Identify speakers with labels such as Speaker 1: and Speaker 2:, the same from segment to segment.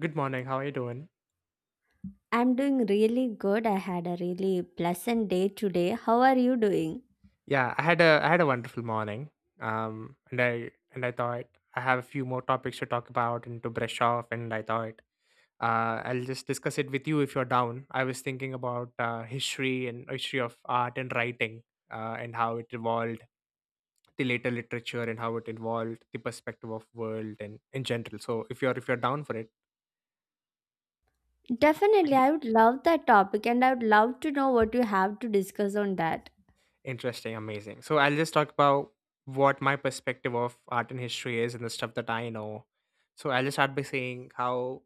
Speaker 1: Good morning. How are you doing?
Speaker 2: I'm doing really good. I had a really pleasant day today. How are you doing?
Speaker 1: Yeah, I had a wonderful morning. And I thought I have a few more topics to talk about and to brush off. And I thought I'll just discuss it with you if you're down. I was thinking about history and history of art and writing, and how it evolved, the later literature, and how it evolved the perspective of world and in general. So if you're down for it, we
Speaker 2: Definitely,
Speaker 1: can.
Speaker 2: I would love that topic and I would love to know what you have to discuss on that.
Speaker 1: Interesting, amazing. So I'll just talk about what my perspective of art and history is and the stuff that I know. So I'll just start by saying how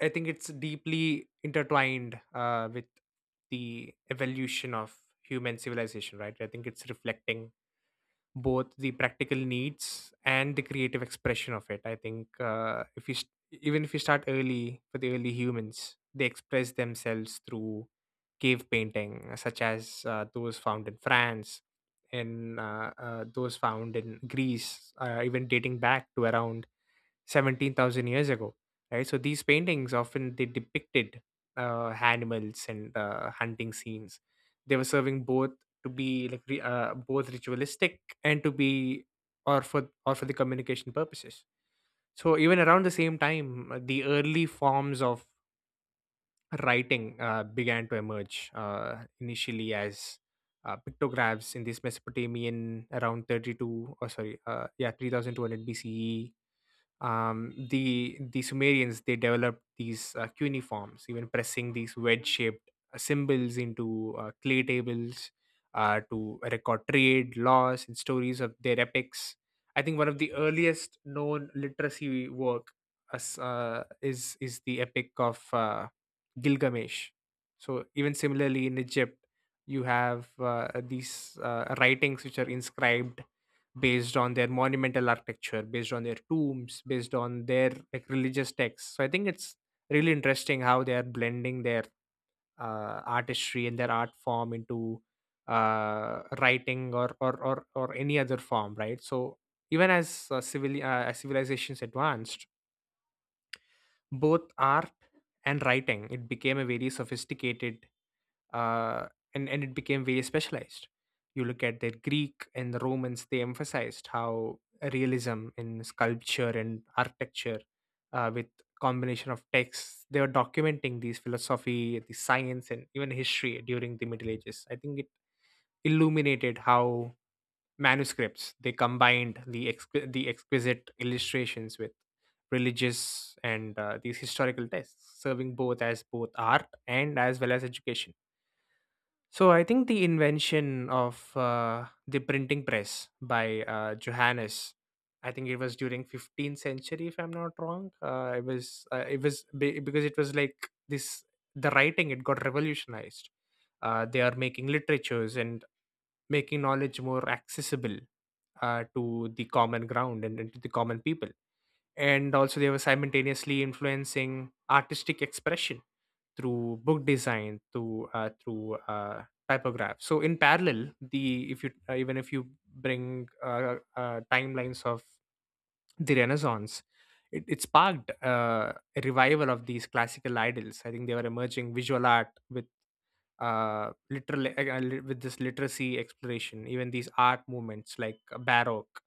Speaker 1: I think it's deeply intertwined with the evolution of human civilization, right? I think it's reflecting both the practical needs and the creative expression of it. I think if you st- even if you start early for the early humans, they express themselves through cave painting, such as those found in France, in those found in Greece, even dating back to around 17,000 years ago. Right, so these paintings often they depicted animals and hunting scenes. They were serving both to be both ritualistic and to be or for the communication purposes. So even around the same time, the early forms of writing began to emerge, initially as pictographs in this Mesopotamian around 32 or sorry yeah 3200 BCE. The Sumerians they developed these cuneiforms, even pressing these wedge-shaped symbols into clay tables to record trade, laws, and stories of their epics. I think one of the earliest known literacy work as, is the epic of Gilgamesh. So even similarly in Egypt, you have these writings which are inscribed based on their monumental architecture, based on their tombs, based on their like religious texts. So I think it's really interesting how they are blending their artistry and their art form into writing or any other form, right? So even as civil as civilizations advanced, both art and writing it became a very sophisticated uh, and it became very specialized. You look at the Greek and the Romans; they emphasized how realism in sculpture and architecture, with combination of texts, they were documenting these philosophy, the science, and even history during the Middle Ages. I think it illuminated how manuscripts they combined the exquisite illustrations with religious and these historical texts, serving both as both art and as well as education. So I think the invention of the printing press by Johannes, I think it was during 15th century, if I'm not wrong. Because it was like this, the writing it got revolutionized. They are making literatures and making knowledge more accessible to the common ground and to the common people, and also they were simultaneously influencing artistic expression through book design, through typograph. So in parallel, the if you even if you bring timelines of the Renaissance, it sparked a revival of these classical idols. I think they were emerging visual art with with this literacy exploration, even these art movements like Baroque.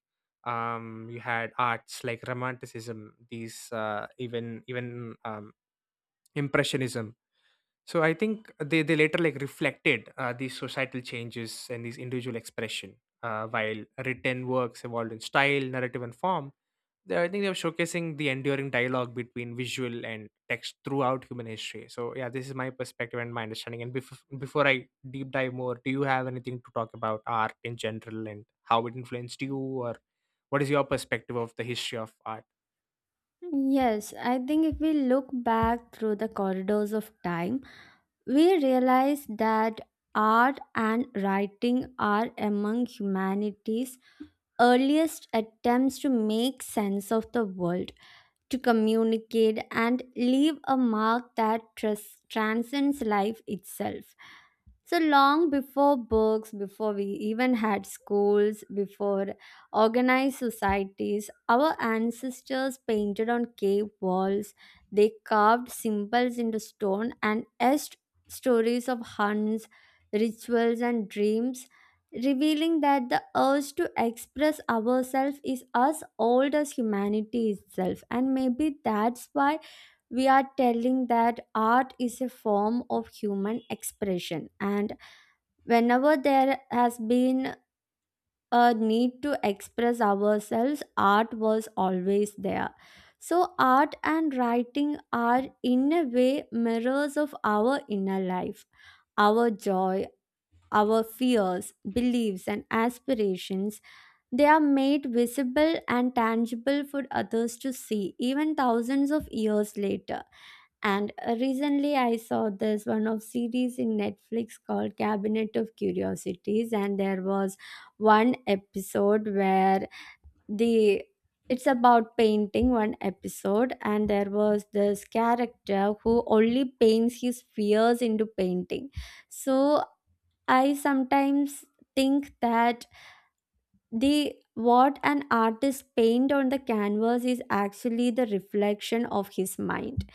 Speaker 1: You had arts like Romanticism, these even even Impressionism. So I think they later like reflected these societal changes and these individual expression. While written works evolved in style, narrative, and form, I think they were showcasing the enduring dialogue between visual and text throughout human history. So yeah, this is my perspective and my understanding. And before I deep dive more, do you have anything to talk about art in general and how it influenced you, or what is your perspective of the history of art?
Speaker 2: Yes, I think if we look back through the corridors of time, we realize that art and writing are among humanity's earliest attempts to make sense of the world, to communicate and leave a mark that transcends life itself. So long before books, before we even had schools, before organized societies, our ancestors painted on cave walls. They carved symbols into stone and etched stories of hunts, rituals, and dreams, revealing that the urge to express ourselves is as old as humanity itself. And maybe that's why we are telling that art is a form of human expression, and whenever there has been a need to express ourselves, art was always there. So, art and writing are, in a way, mirrors of our inner life, our joy, our fears, beliefs, and aspirations. They are made visible and tangible for others to see, even thousands of years later. And recently, I saw this one of series in Netflix called Cabinet of Curiosities, and there was one episode where the it's about painting one episode and there was this character who only paints his fears into painting, so I sometimes think that the what an artist paint on the canvas is actually the reflection of his mind.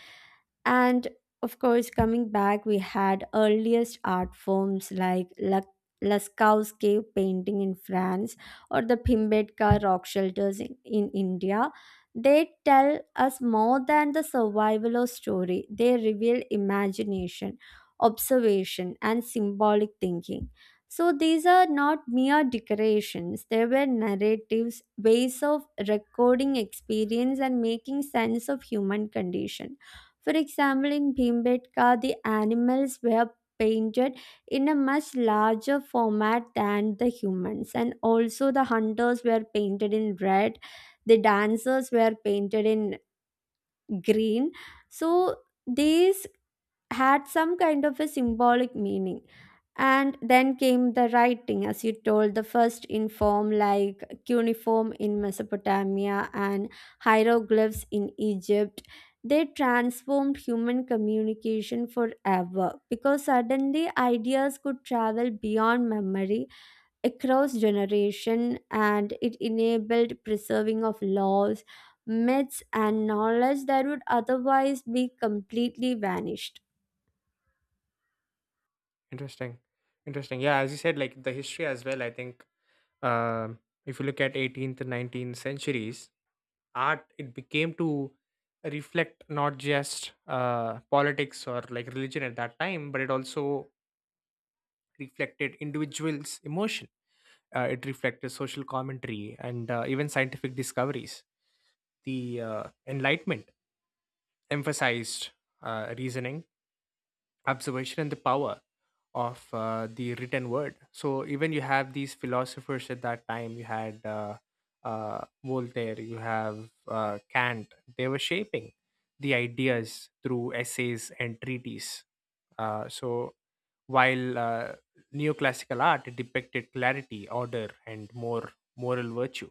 Speaker 2: And of course, coming back, we had earliest art forms like Lascaux cave painting in France or the Pimbedkar rock shelters in India. They tell us more than the survival or story. They reveal imagination, observation, and symbolic thinking. So these are not mere decorations. They were narratives, ways of recording experience and making sense of human condition. For example, in Bhimbetka, the animals were painted in a much larger format than the humans, and also the hunters were painted in red, the dancers were painted in green. So, these had some kind of a symbolic meaning. And then came the writing, as you told, the first in form like cuneiform in Mesopotamia and hieroglyphs in Egypt. They transformed human communication forever because suddenly ideas could travel beyond memory across generation, and it enabled preserving of laws, myths, and knowledge that would otherwise be completely vanished.
Speaker 1: Interesting, interesting. Yeah, as you said, like the history as well. I think Um, if you look at 18th and 19th centuries, art it became to reflect not just politics or like religion at that time, but it also reflected individuals' emotion. It reflected social commentary and even scientific discoveries. The Enlightenment emphasized reasoning, observation, and the power of the written word. So even you have these philosophers at that time. You had Voltaire. You have Kant. They were shaping the ideas through essays and treaties. So while neoclassical art depicted clarity, order, and more moral virtue.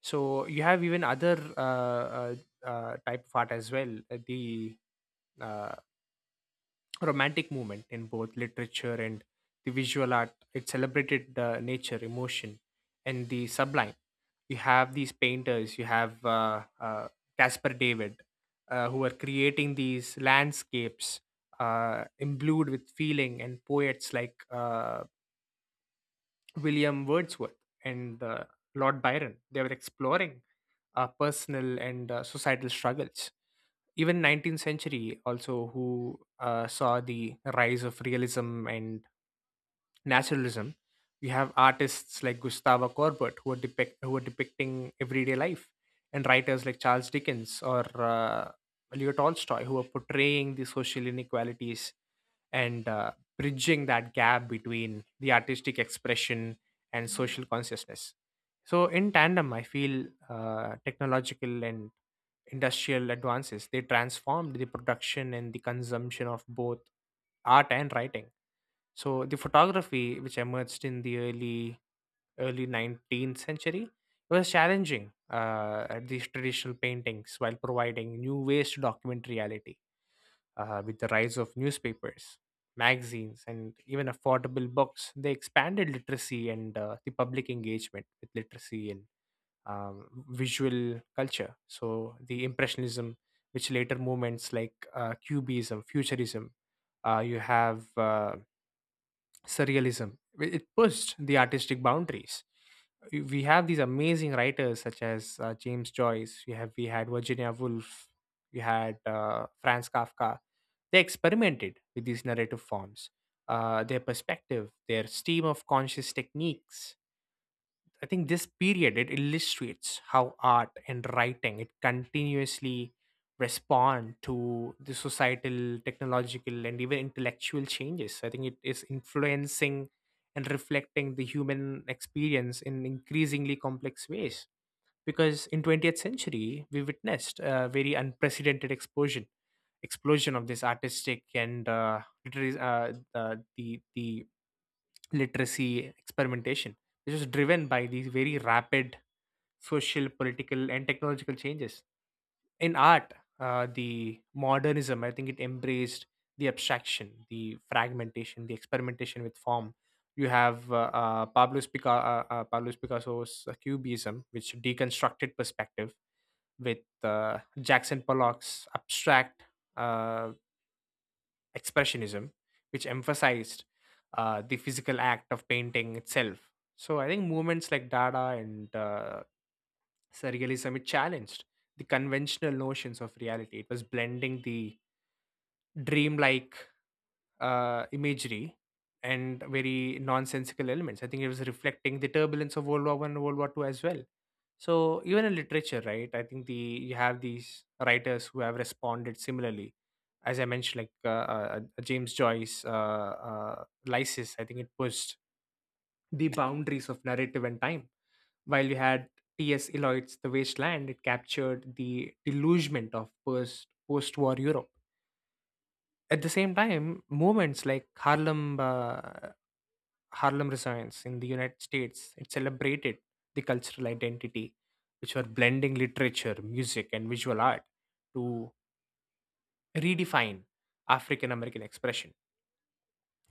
Speaker 1: So you have even other type of art as well. The uh, romantic movement in both literature and the visual art. It celebrated the nature, emotion, and the sublime. You have these painters, you have Caspar David, who are creating these landscapes imbued with feeling, and poets like William Wordsworth and Lord Byron. They were exploring personal and societal struggles. Even 19th century also, who saw the rise of realism and naturalism, we have artists like Gustavo Corbett who are depicting everyday life, and writers like Charles Dickens or uh, Leo Tolstoy, who are portraying the social inequalities and bridging that gap between the artistic expression and social consciousness. So, in tandem, I feel technological and industrial advances they transformed the production and the consumption of both art and writing. So, the photography which emerged in the early 19th century was challenging at these traditional paintings while providing new ways to document reality. Uh, with the rise of newspapers, magazines, and even affordable books, they expanded literacy and the public engagement with literacy and visual culture. So the Impressionism, which later movements like Cubism, Futurism, you have Surrealism, it pushed the artistic boundaries. We have these amazing writers such as James Joyce. We had Virginia Woolf. We had Franz Kafka. They experimented with these narrative forms, their perspective, their stream of conscious techniques. I think this period it illustrates how art and writing it continuously respond to the societal, technological, and even intellectual changes. I think it is influencing and reflecting the human experience in increasingly complex ways, because in 20th century we witnessed a very unprecedented explosion of this artistic and literary, the literacy experimentation, which was driven by these very rapid social, political, and technological changes. In art, the modernism, I think it embraced the abstraction, the fragmentation, the experimentation with form. You have Pablo's Picasso's Cubism, which deconstructed perspective, with Jackson Pollock's abstract uh, expressionism, which emphasized the physical act of painting itself. So I think movements like Dada and Surrealism, it challenged the conventional notions of reality. It was blending the dreamlike imagery and very nonsensical elements. I think it was reflecting the turbulence of World War One and World War Two as well. So even in literature, right? I think the you have these writers who have responded similarly. As I mentioned, like James Joyce, Lysis, I think it pushed the boundaries of narrative and time. While you had T.S. Eliot's The Waste Land*, it captured the delugement of post-war Europe. At the same time, movements like Harlem Renaissance in the United States. It celebrated the cultural identity, which were blending literature, music, and visual art to redefine African American expression.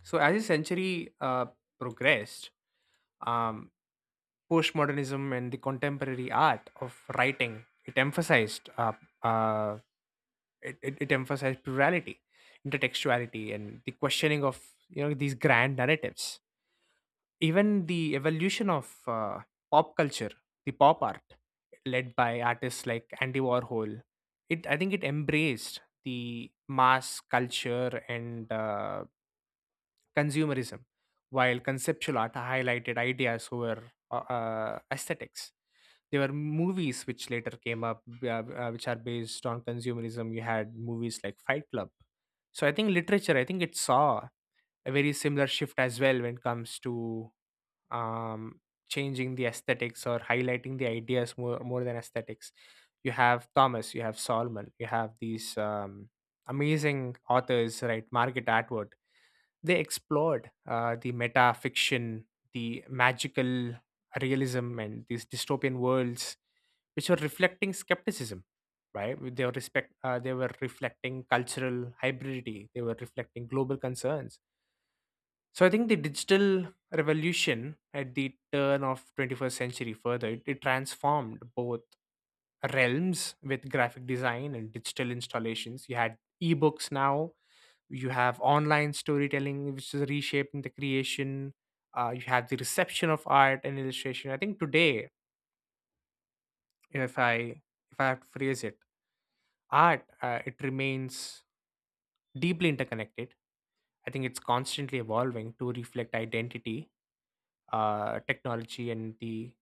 Speaker 1: So, as the century progressed, um, postmodernism and the contemporary art of writing it emphasized uh, it emphasized plurality, intertextuality, and the questioning of you know these grand narratives. Even the evolution of pop culture, the pop art, led by artists like Andy Warhol, it I think it embraced the mass culture and consumerism, while conceptual art highlighted ideas over aesthetics. There were movies which later came up, which are based on consumerism. You had movies like Fight Club. So I think literature, I think it saw a very similar shift as well when it comes to um, changing the aesthetics or highlighting the ideas more, than aesthetics. You have Thomas, you have Solomon, you have these amazing authors, right? Margaret Atwood, they explored the meta fiction, the magical realism, and these dystopian worlds, which were reflecting skepticism. Right, they were respect. They were reflecting cultural hybridity. They were reflecting global concerns. So I think the digital revolution at the turn of 21st century further it transformed both realms with graphic design and digital installations. You had ebooks, now you have online storytelling which is reshaping the creation. You have the reception of art and illustration. I think today, if i if I have to phrase it, art it remains deeply interconnected. I think it's constantly evolving to reflect identity, technology, and the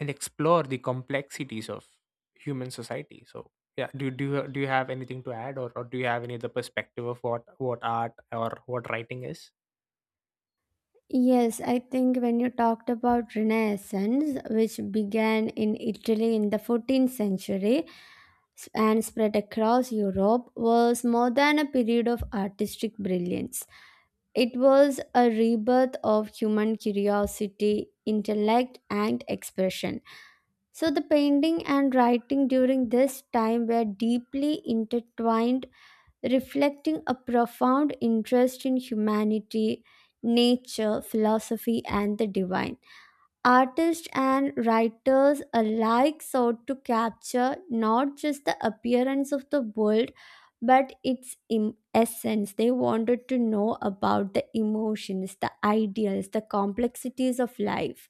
Speaker 1: and explore the complexities of human society. So yeah, do you have anything to add, or do you have any other perspective of what art or what writing is?
Speaker 2: Yes, I think when you talked about Renaissance, which began in Italy in the 14th century and spread across Europe, was more than a period of artistic brilliance. It was a rebirth of human curiosity, intellect, and expression. So, the painting and writing during this time were deeply intertwined, reflecting a profound interest in humanity, nature, philosophy, and the divine. Artists and writers alike sought to capture not just the appearance of the world but its essence. They wanted to know about the emotions, the ideals, the complexities of life.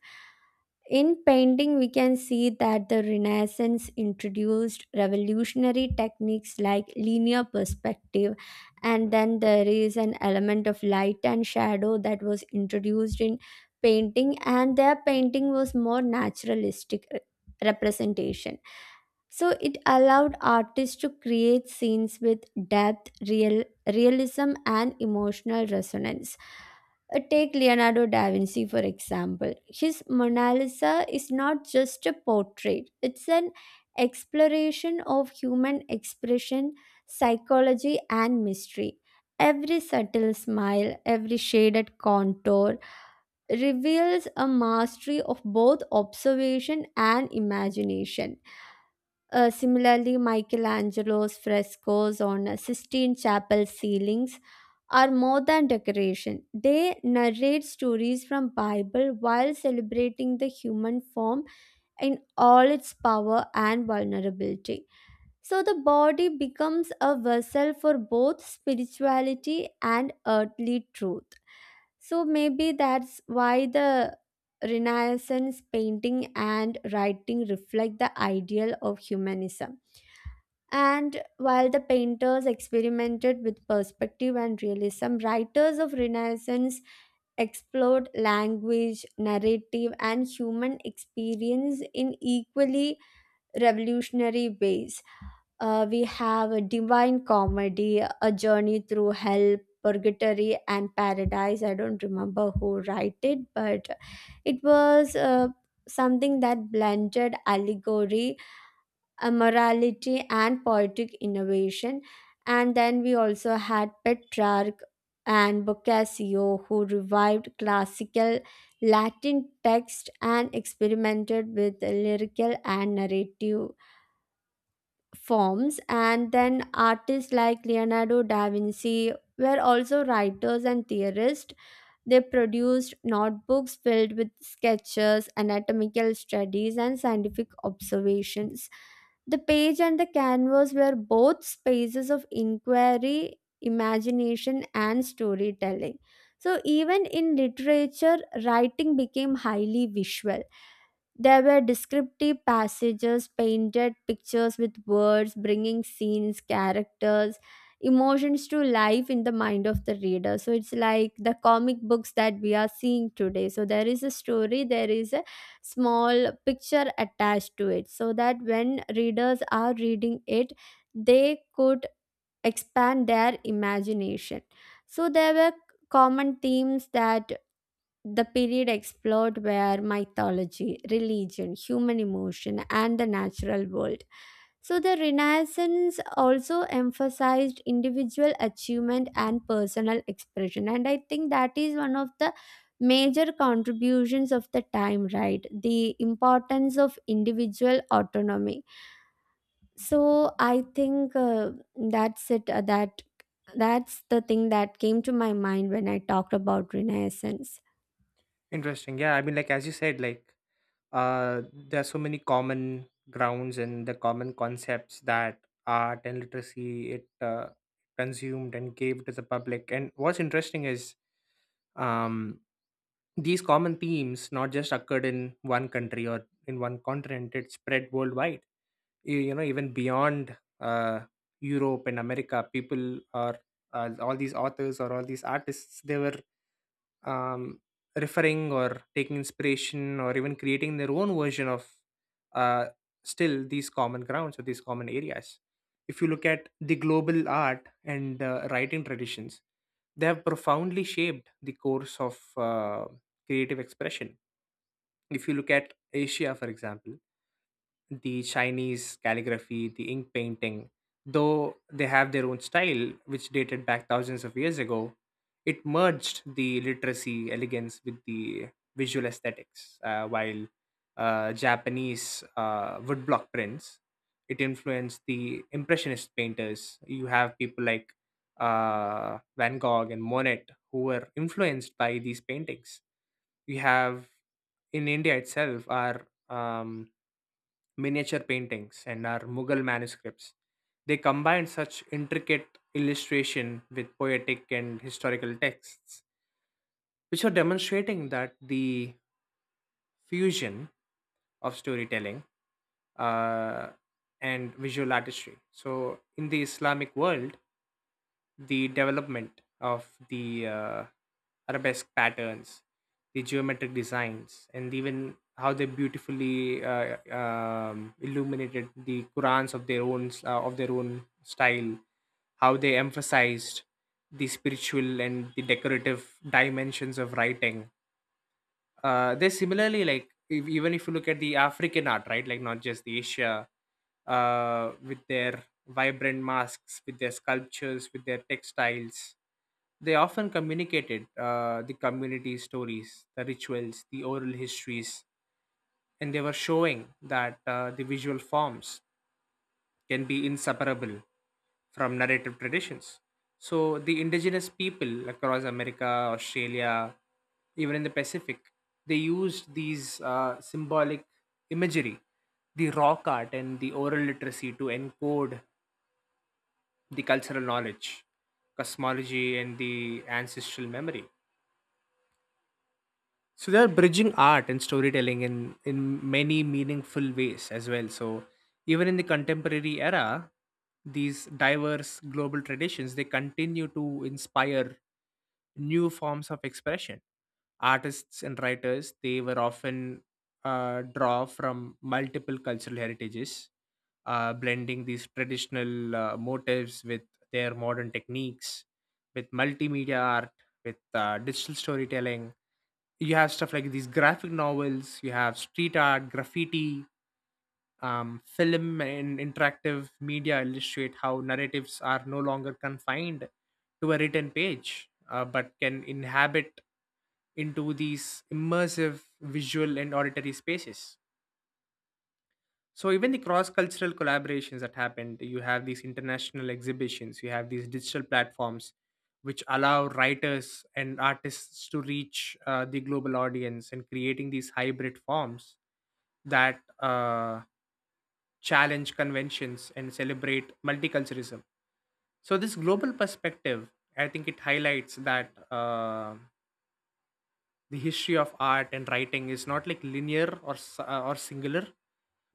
Speaker 2: In painting, we can see that the Renaissance introduced revolutionary techniques like linear perspective, and then there is an element of light and shadow that was introduced in painting, and their painting was more naturalistic representation, so it allowed artists to create scenes with depth, realism, and emotional resonance. Take Leonardo da Vinci, for example. His Mona Lisa is not just a portrait, it's an exploration of human expression, psychology, and mystery. Every subtle smile, every shaded contour reveals a mastery of both observation and imagination. Similarly, Michelangelo's frescoes on Sistine Chapel ceilings are more than decoration. They narrate stories from Bible while celebrating the human form in all its power and vulnerability. So the body becomes a vessel for both spirituality and earthly truth. So maybe that's why the Renaissance painting and writing reflect the ideal of humanism, and while the painters experimented with perspective and realism, writers of Renaissance explored language, narrative, and human experience in equally revolutionary ways. We have a divine comedy, a journey through hell, purgatory, and paradise. I don't remember who wrote it, but it was something that blended allegory, morality, and poetic innovation. And then we also had Petrarch and Boccaccio, who revived classical Latin text and experimented with lyrical and narrative forms. And then artists like Leonardo da Vinci were also writers and theorists. They produced notebooks filled with sketches, anatomical studies, and scientific observations. The page and the canvas were both spaces of inquiry, imagination, and storytelling. So, even in literature, writing became highly visual. There were descriptive passages, painted pictures with words, bringing scenes, characters, emotions to life in the mind of the reader. So it's like the comic books that we are seeing today. So there is a story, there is a small picture attached to it, so that when readers are reading it, they could expand their imagination. So there were common themes that the period explored were mythology, religion, human emotion, and the natural world. So, the Renaissance also emphasized individual achievement and personal expression, and I think that is one of the major contributions of the time, right? The importance of individual autonomy. So, I think that's it. That's the thing that came to my mind when I talked about Renaissance.
Speaker 1: Interesting. Yeah, I mean, like as you said, like uh, there are so many common grounds and the common concepts that art and literacy, it consumed and gave to the public. And what's interesting is, um, these common themes not just occurred in one country or in one continent; it spread worldwide. You know, even beyond Europe and America, people are all these authors or all these artists. They were, um, referring or taking inspiration or even creating their own version of uh, still these common grounds or these common areas. If you look at the global art and writing traditions, they have profoundly shaped the course of creative expression. If you look at Asia, for example, the Chinese calligraphy, the ink painting, though they have their own style, which dated back thousands of years ago, it merged the literacy elegance with the visual aesthetics. While Japanese woodblock prints, it influenced the Impressionist painters. You have people like Van Gogh and Monet who were influenced by these paintings. We have in India itself our, um, miniature paintings, and our Mughal manuscripts. They combined such intricate illustration with poetic and historical texts, which are demonstrating that the fusion of storytelling uh, and visual artistry. So in the Islamic world, the development of the arabesque patterns, the geometric designs, and even how they beautifully illuminated the Qurans of their own style, how they emphasized the spiritual and the decorative dimensions of writing. They similarly, like if, even if you look at the African art, right, like not just the Asia, with their vibrant masks, with their sculptures, with their textiles, they often communicated the community stories, the rituals, the oral histories, and they were showing that the visual forms can be inseparable from narrative traditions. So the indigenous people across America, Australia, even in the Pacific, they used these symbolic imagery, the rock art, and the oral literacy to encode the cultural knowledge, cosmology, and the ancestral memory. So they are bridging art and storytelling in many meaningful ways as well. So even in the contemporary era, these diverse global traditions, they continue to inspire new forms of expression. Artists and writers, they were often draw from multiple cultural heritages, blending these traditional motives with their modern techniques, with multimedia art, with digital storytelling. You have stuff like these graphic novels, you have street art, graffiti, film, and interactive media illustrate how narratives are no longer confined to a written page, but can inhabit into these immersive visual and auditory spaces. So even the cross-cultural collaborations that happened, you have these international exhibitions, you have these digital platforms which allow writers and artists to reach the global audience and creating these hybrid forms that challenge conventions and celebrate multiculturalism. So this global perspective, I think it highlights that. The history of art and writing is not like linear or or singular,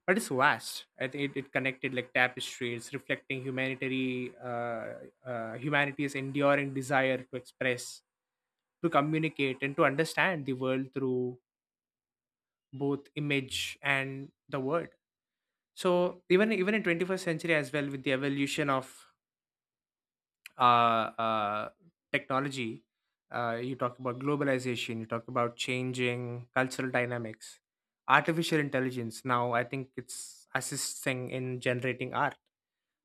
Speaker 1: but it's vast. I think it, it connected like tapestries reflecting humanitarian humanity's enduring desire to express, to communicate, and to understand the world through both image and the word. So even even in 21st century as well, with the evolution of uh, uh, technology, you talk about globalization, you talk about changing cultural dynamics, artificial intelligence. Now, I think it's assisting in generating art,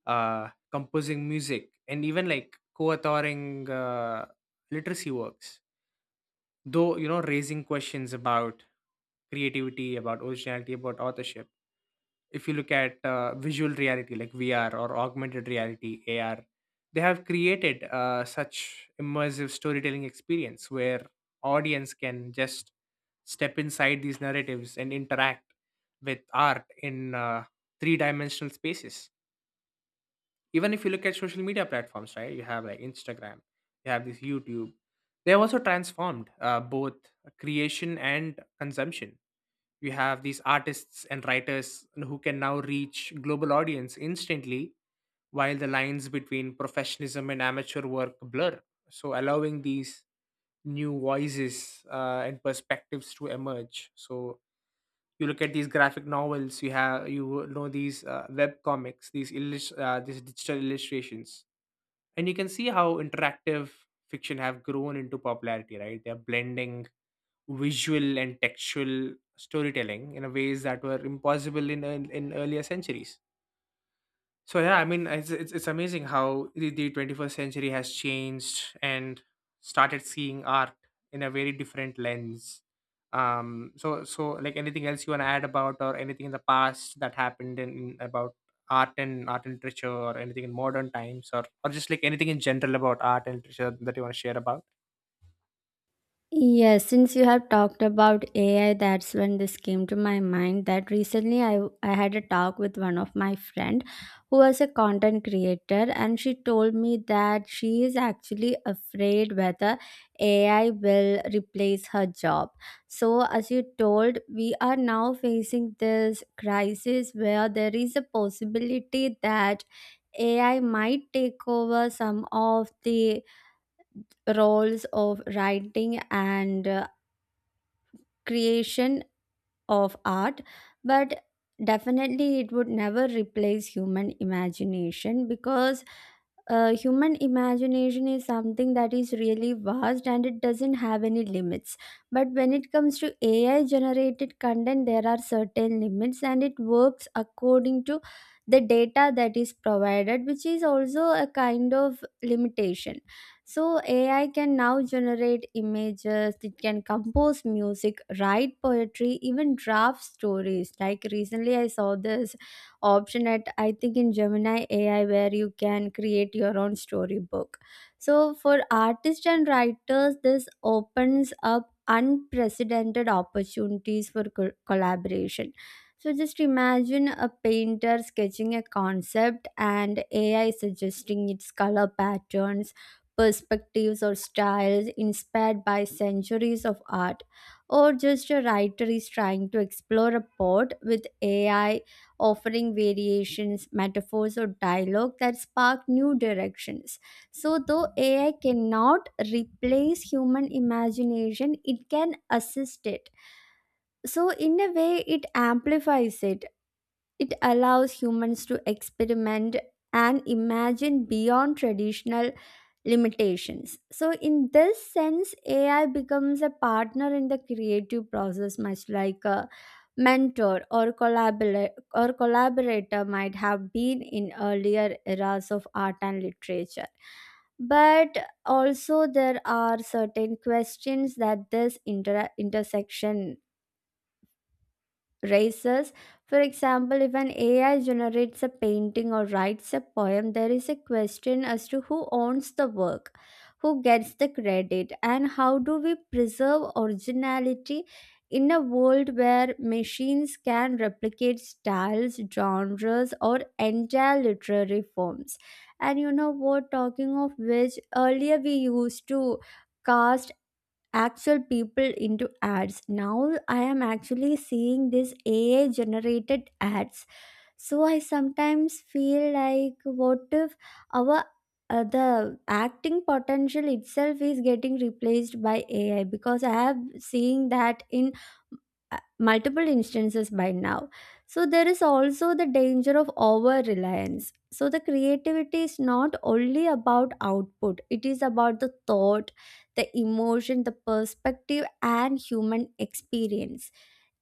Speaker 1: composing music, and even like co authoring literacy works. Though, you know, raising questions about creativity, about originality, about authorship. If you look at visual reality like VR or augmented reality AR, they have created such immersive storytelling experience where audience can just step inside these narratives and interact with art in three-dimensional spaces. Even if you look at social media platforms, right? You have like Instagram, you have this YouTube. They have also transformed both creation and consumption. You have these artists and writers who can now reach global audience instantly, while the lines between professionalism and amateur work blur, so allowing these new voices and perspectives to emerge. So you look at these graphic novels, you have, you know, these web comics, these these digital illustrations, and you can see how interactive fiction have grown into popularity, right? They're blending visual and textual storytelling in a ways that were impossible in in earlier centuries. So yeah, I mean it's it's amazing how the 21st century has changed and started seeing art in a very different lens. So so like anything else you want to add about, or anything in the past that happened in about art and literature, or anything in modern times, or just like anything in general about art and literature that you want to share about?
Speaker 2: Yes, since you have talked about AI, that's when this came to my mind that recently I had a talk with one of my friend who was a content creator and she told me that she is actually afraid whether AI will replace her job. So as you told, we are now facing this crisis where there is a possibility that AI might take over some of the roles of writing and creation of art, but definitely it would never replace human imagination because human imagination is something that is really vast and it doesn't have any limits. But when it comes to AI generated content, there are certain limits and it works according to the data that is provided, which is also a kind of limitation. So AI can now generate images, it can compose music, write poetry, even draft stories. Like recently I saw this option at I think in Gemini AI where you can create your own storybook. So for artists and writers this opens up unprecedented opportunities for collaboration. So just imagine a painter sketching a concept and AI suggesting its color patterns, perspectives, or styles inspired by centuries of art, or just a writer is trying to explore a port with AI offering variations, metaphors, or dialogue that spark new directions. So, though AI cannot replace human imagination, it can assist it. So, in a way, it amplifies it. It allows humans to experiment and imagine beyond traditional limitations. So, in this sense, AI becomes a partner in the creative process, much like a mentor or collaborator might have been in earlier eras of art and literature. But also there are certain questions that this intersection races. For example, if an AI generates a painting or writes a poem, there is a question as to who owns the work, who gets the credit, and how do we preserve originality in a world where machines can replicate styles, genres, or entire literary forms. And you know what, talking of which, earlier we used to cast actual people into ads. Now I am actually seeing this AI generated ads, so I sometimes feel like what if our the acting potential itself is getting replaced by AI, because I have seen that in multiple instances by now. So there is also the danger of over reliance. So the creativity is not only about output, it is about the thought, the emotion, the perspective, and human experience.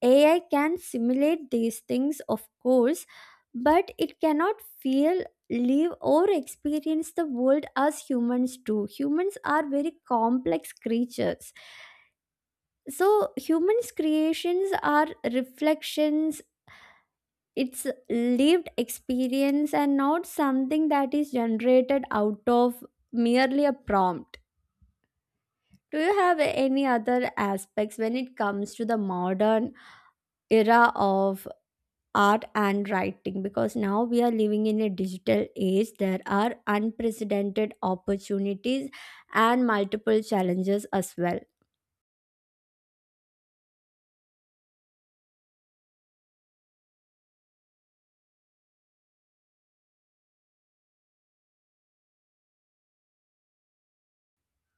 Speaker 2: AI can simulate these things, of course, but it cannot feel, live, or experience the world as humans do. Humans are very complex creatures, so humans creations are reflections, it's lived experience and not something that is generated out of merely a prompt. Do you have any other aspects when it comes to the modern era of art and writing, because now we are living in a digital age there are unprecedented opportunities and multiple challenges as well.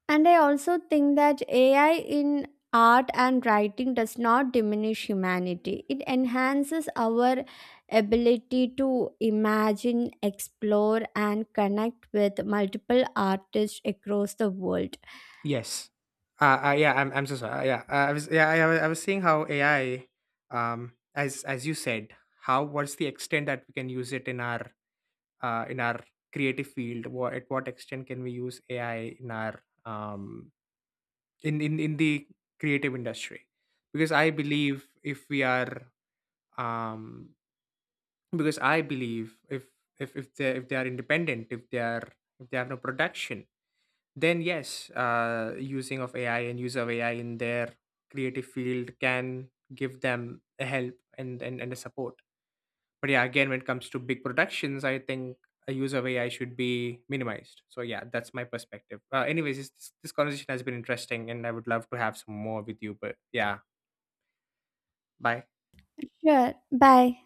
Speaker 2: And I also think that AI in art and writing does not diminish humanity. It enhances our ability to imagine, explore, and connect with multiple artists across the world.
Speaker 1: Yes. Yeah, I'm so sorry. Yeah, I was, yeah, I was seeing how AI, as you said, how what's the extent that we can use it in our creative field? What, at what extent can we use AI in our, um in in the creative industry? Because I believe if we are, um because I believe if if they, if they are independent, if they are, if they have no production, then yes, using of AI and use of AI in their creative field can give them a help and, and a support. But yeah, again, when it comes to big productions, I think a use of AI should be minimized. So yeah, that's my perspective. Anyways, this, this conversation has been interesting and I would love to have some more with you. But yeah, bye.
Speaker 2: Sure. Bye.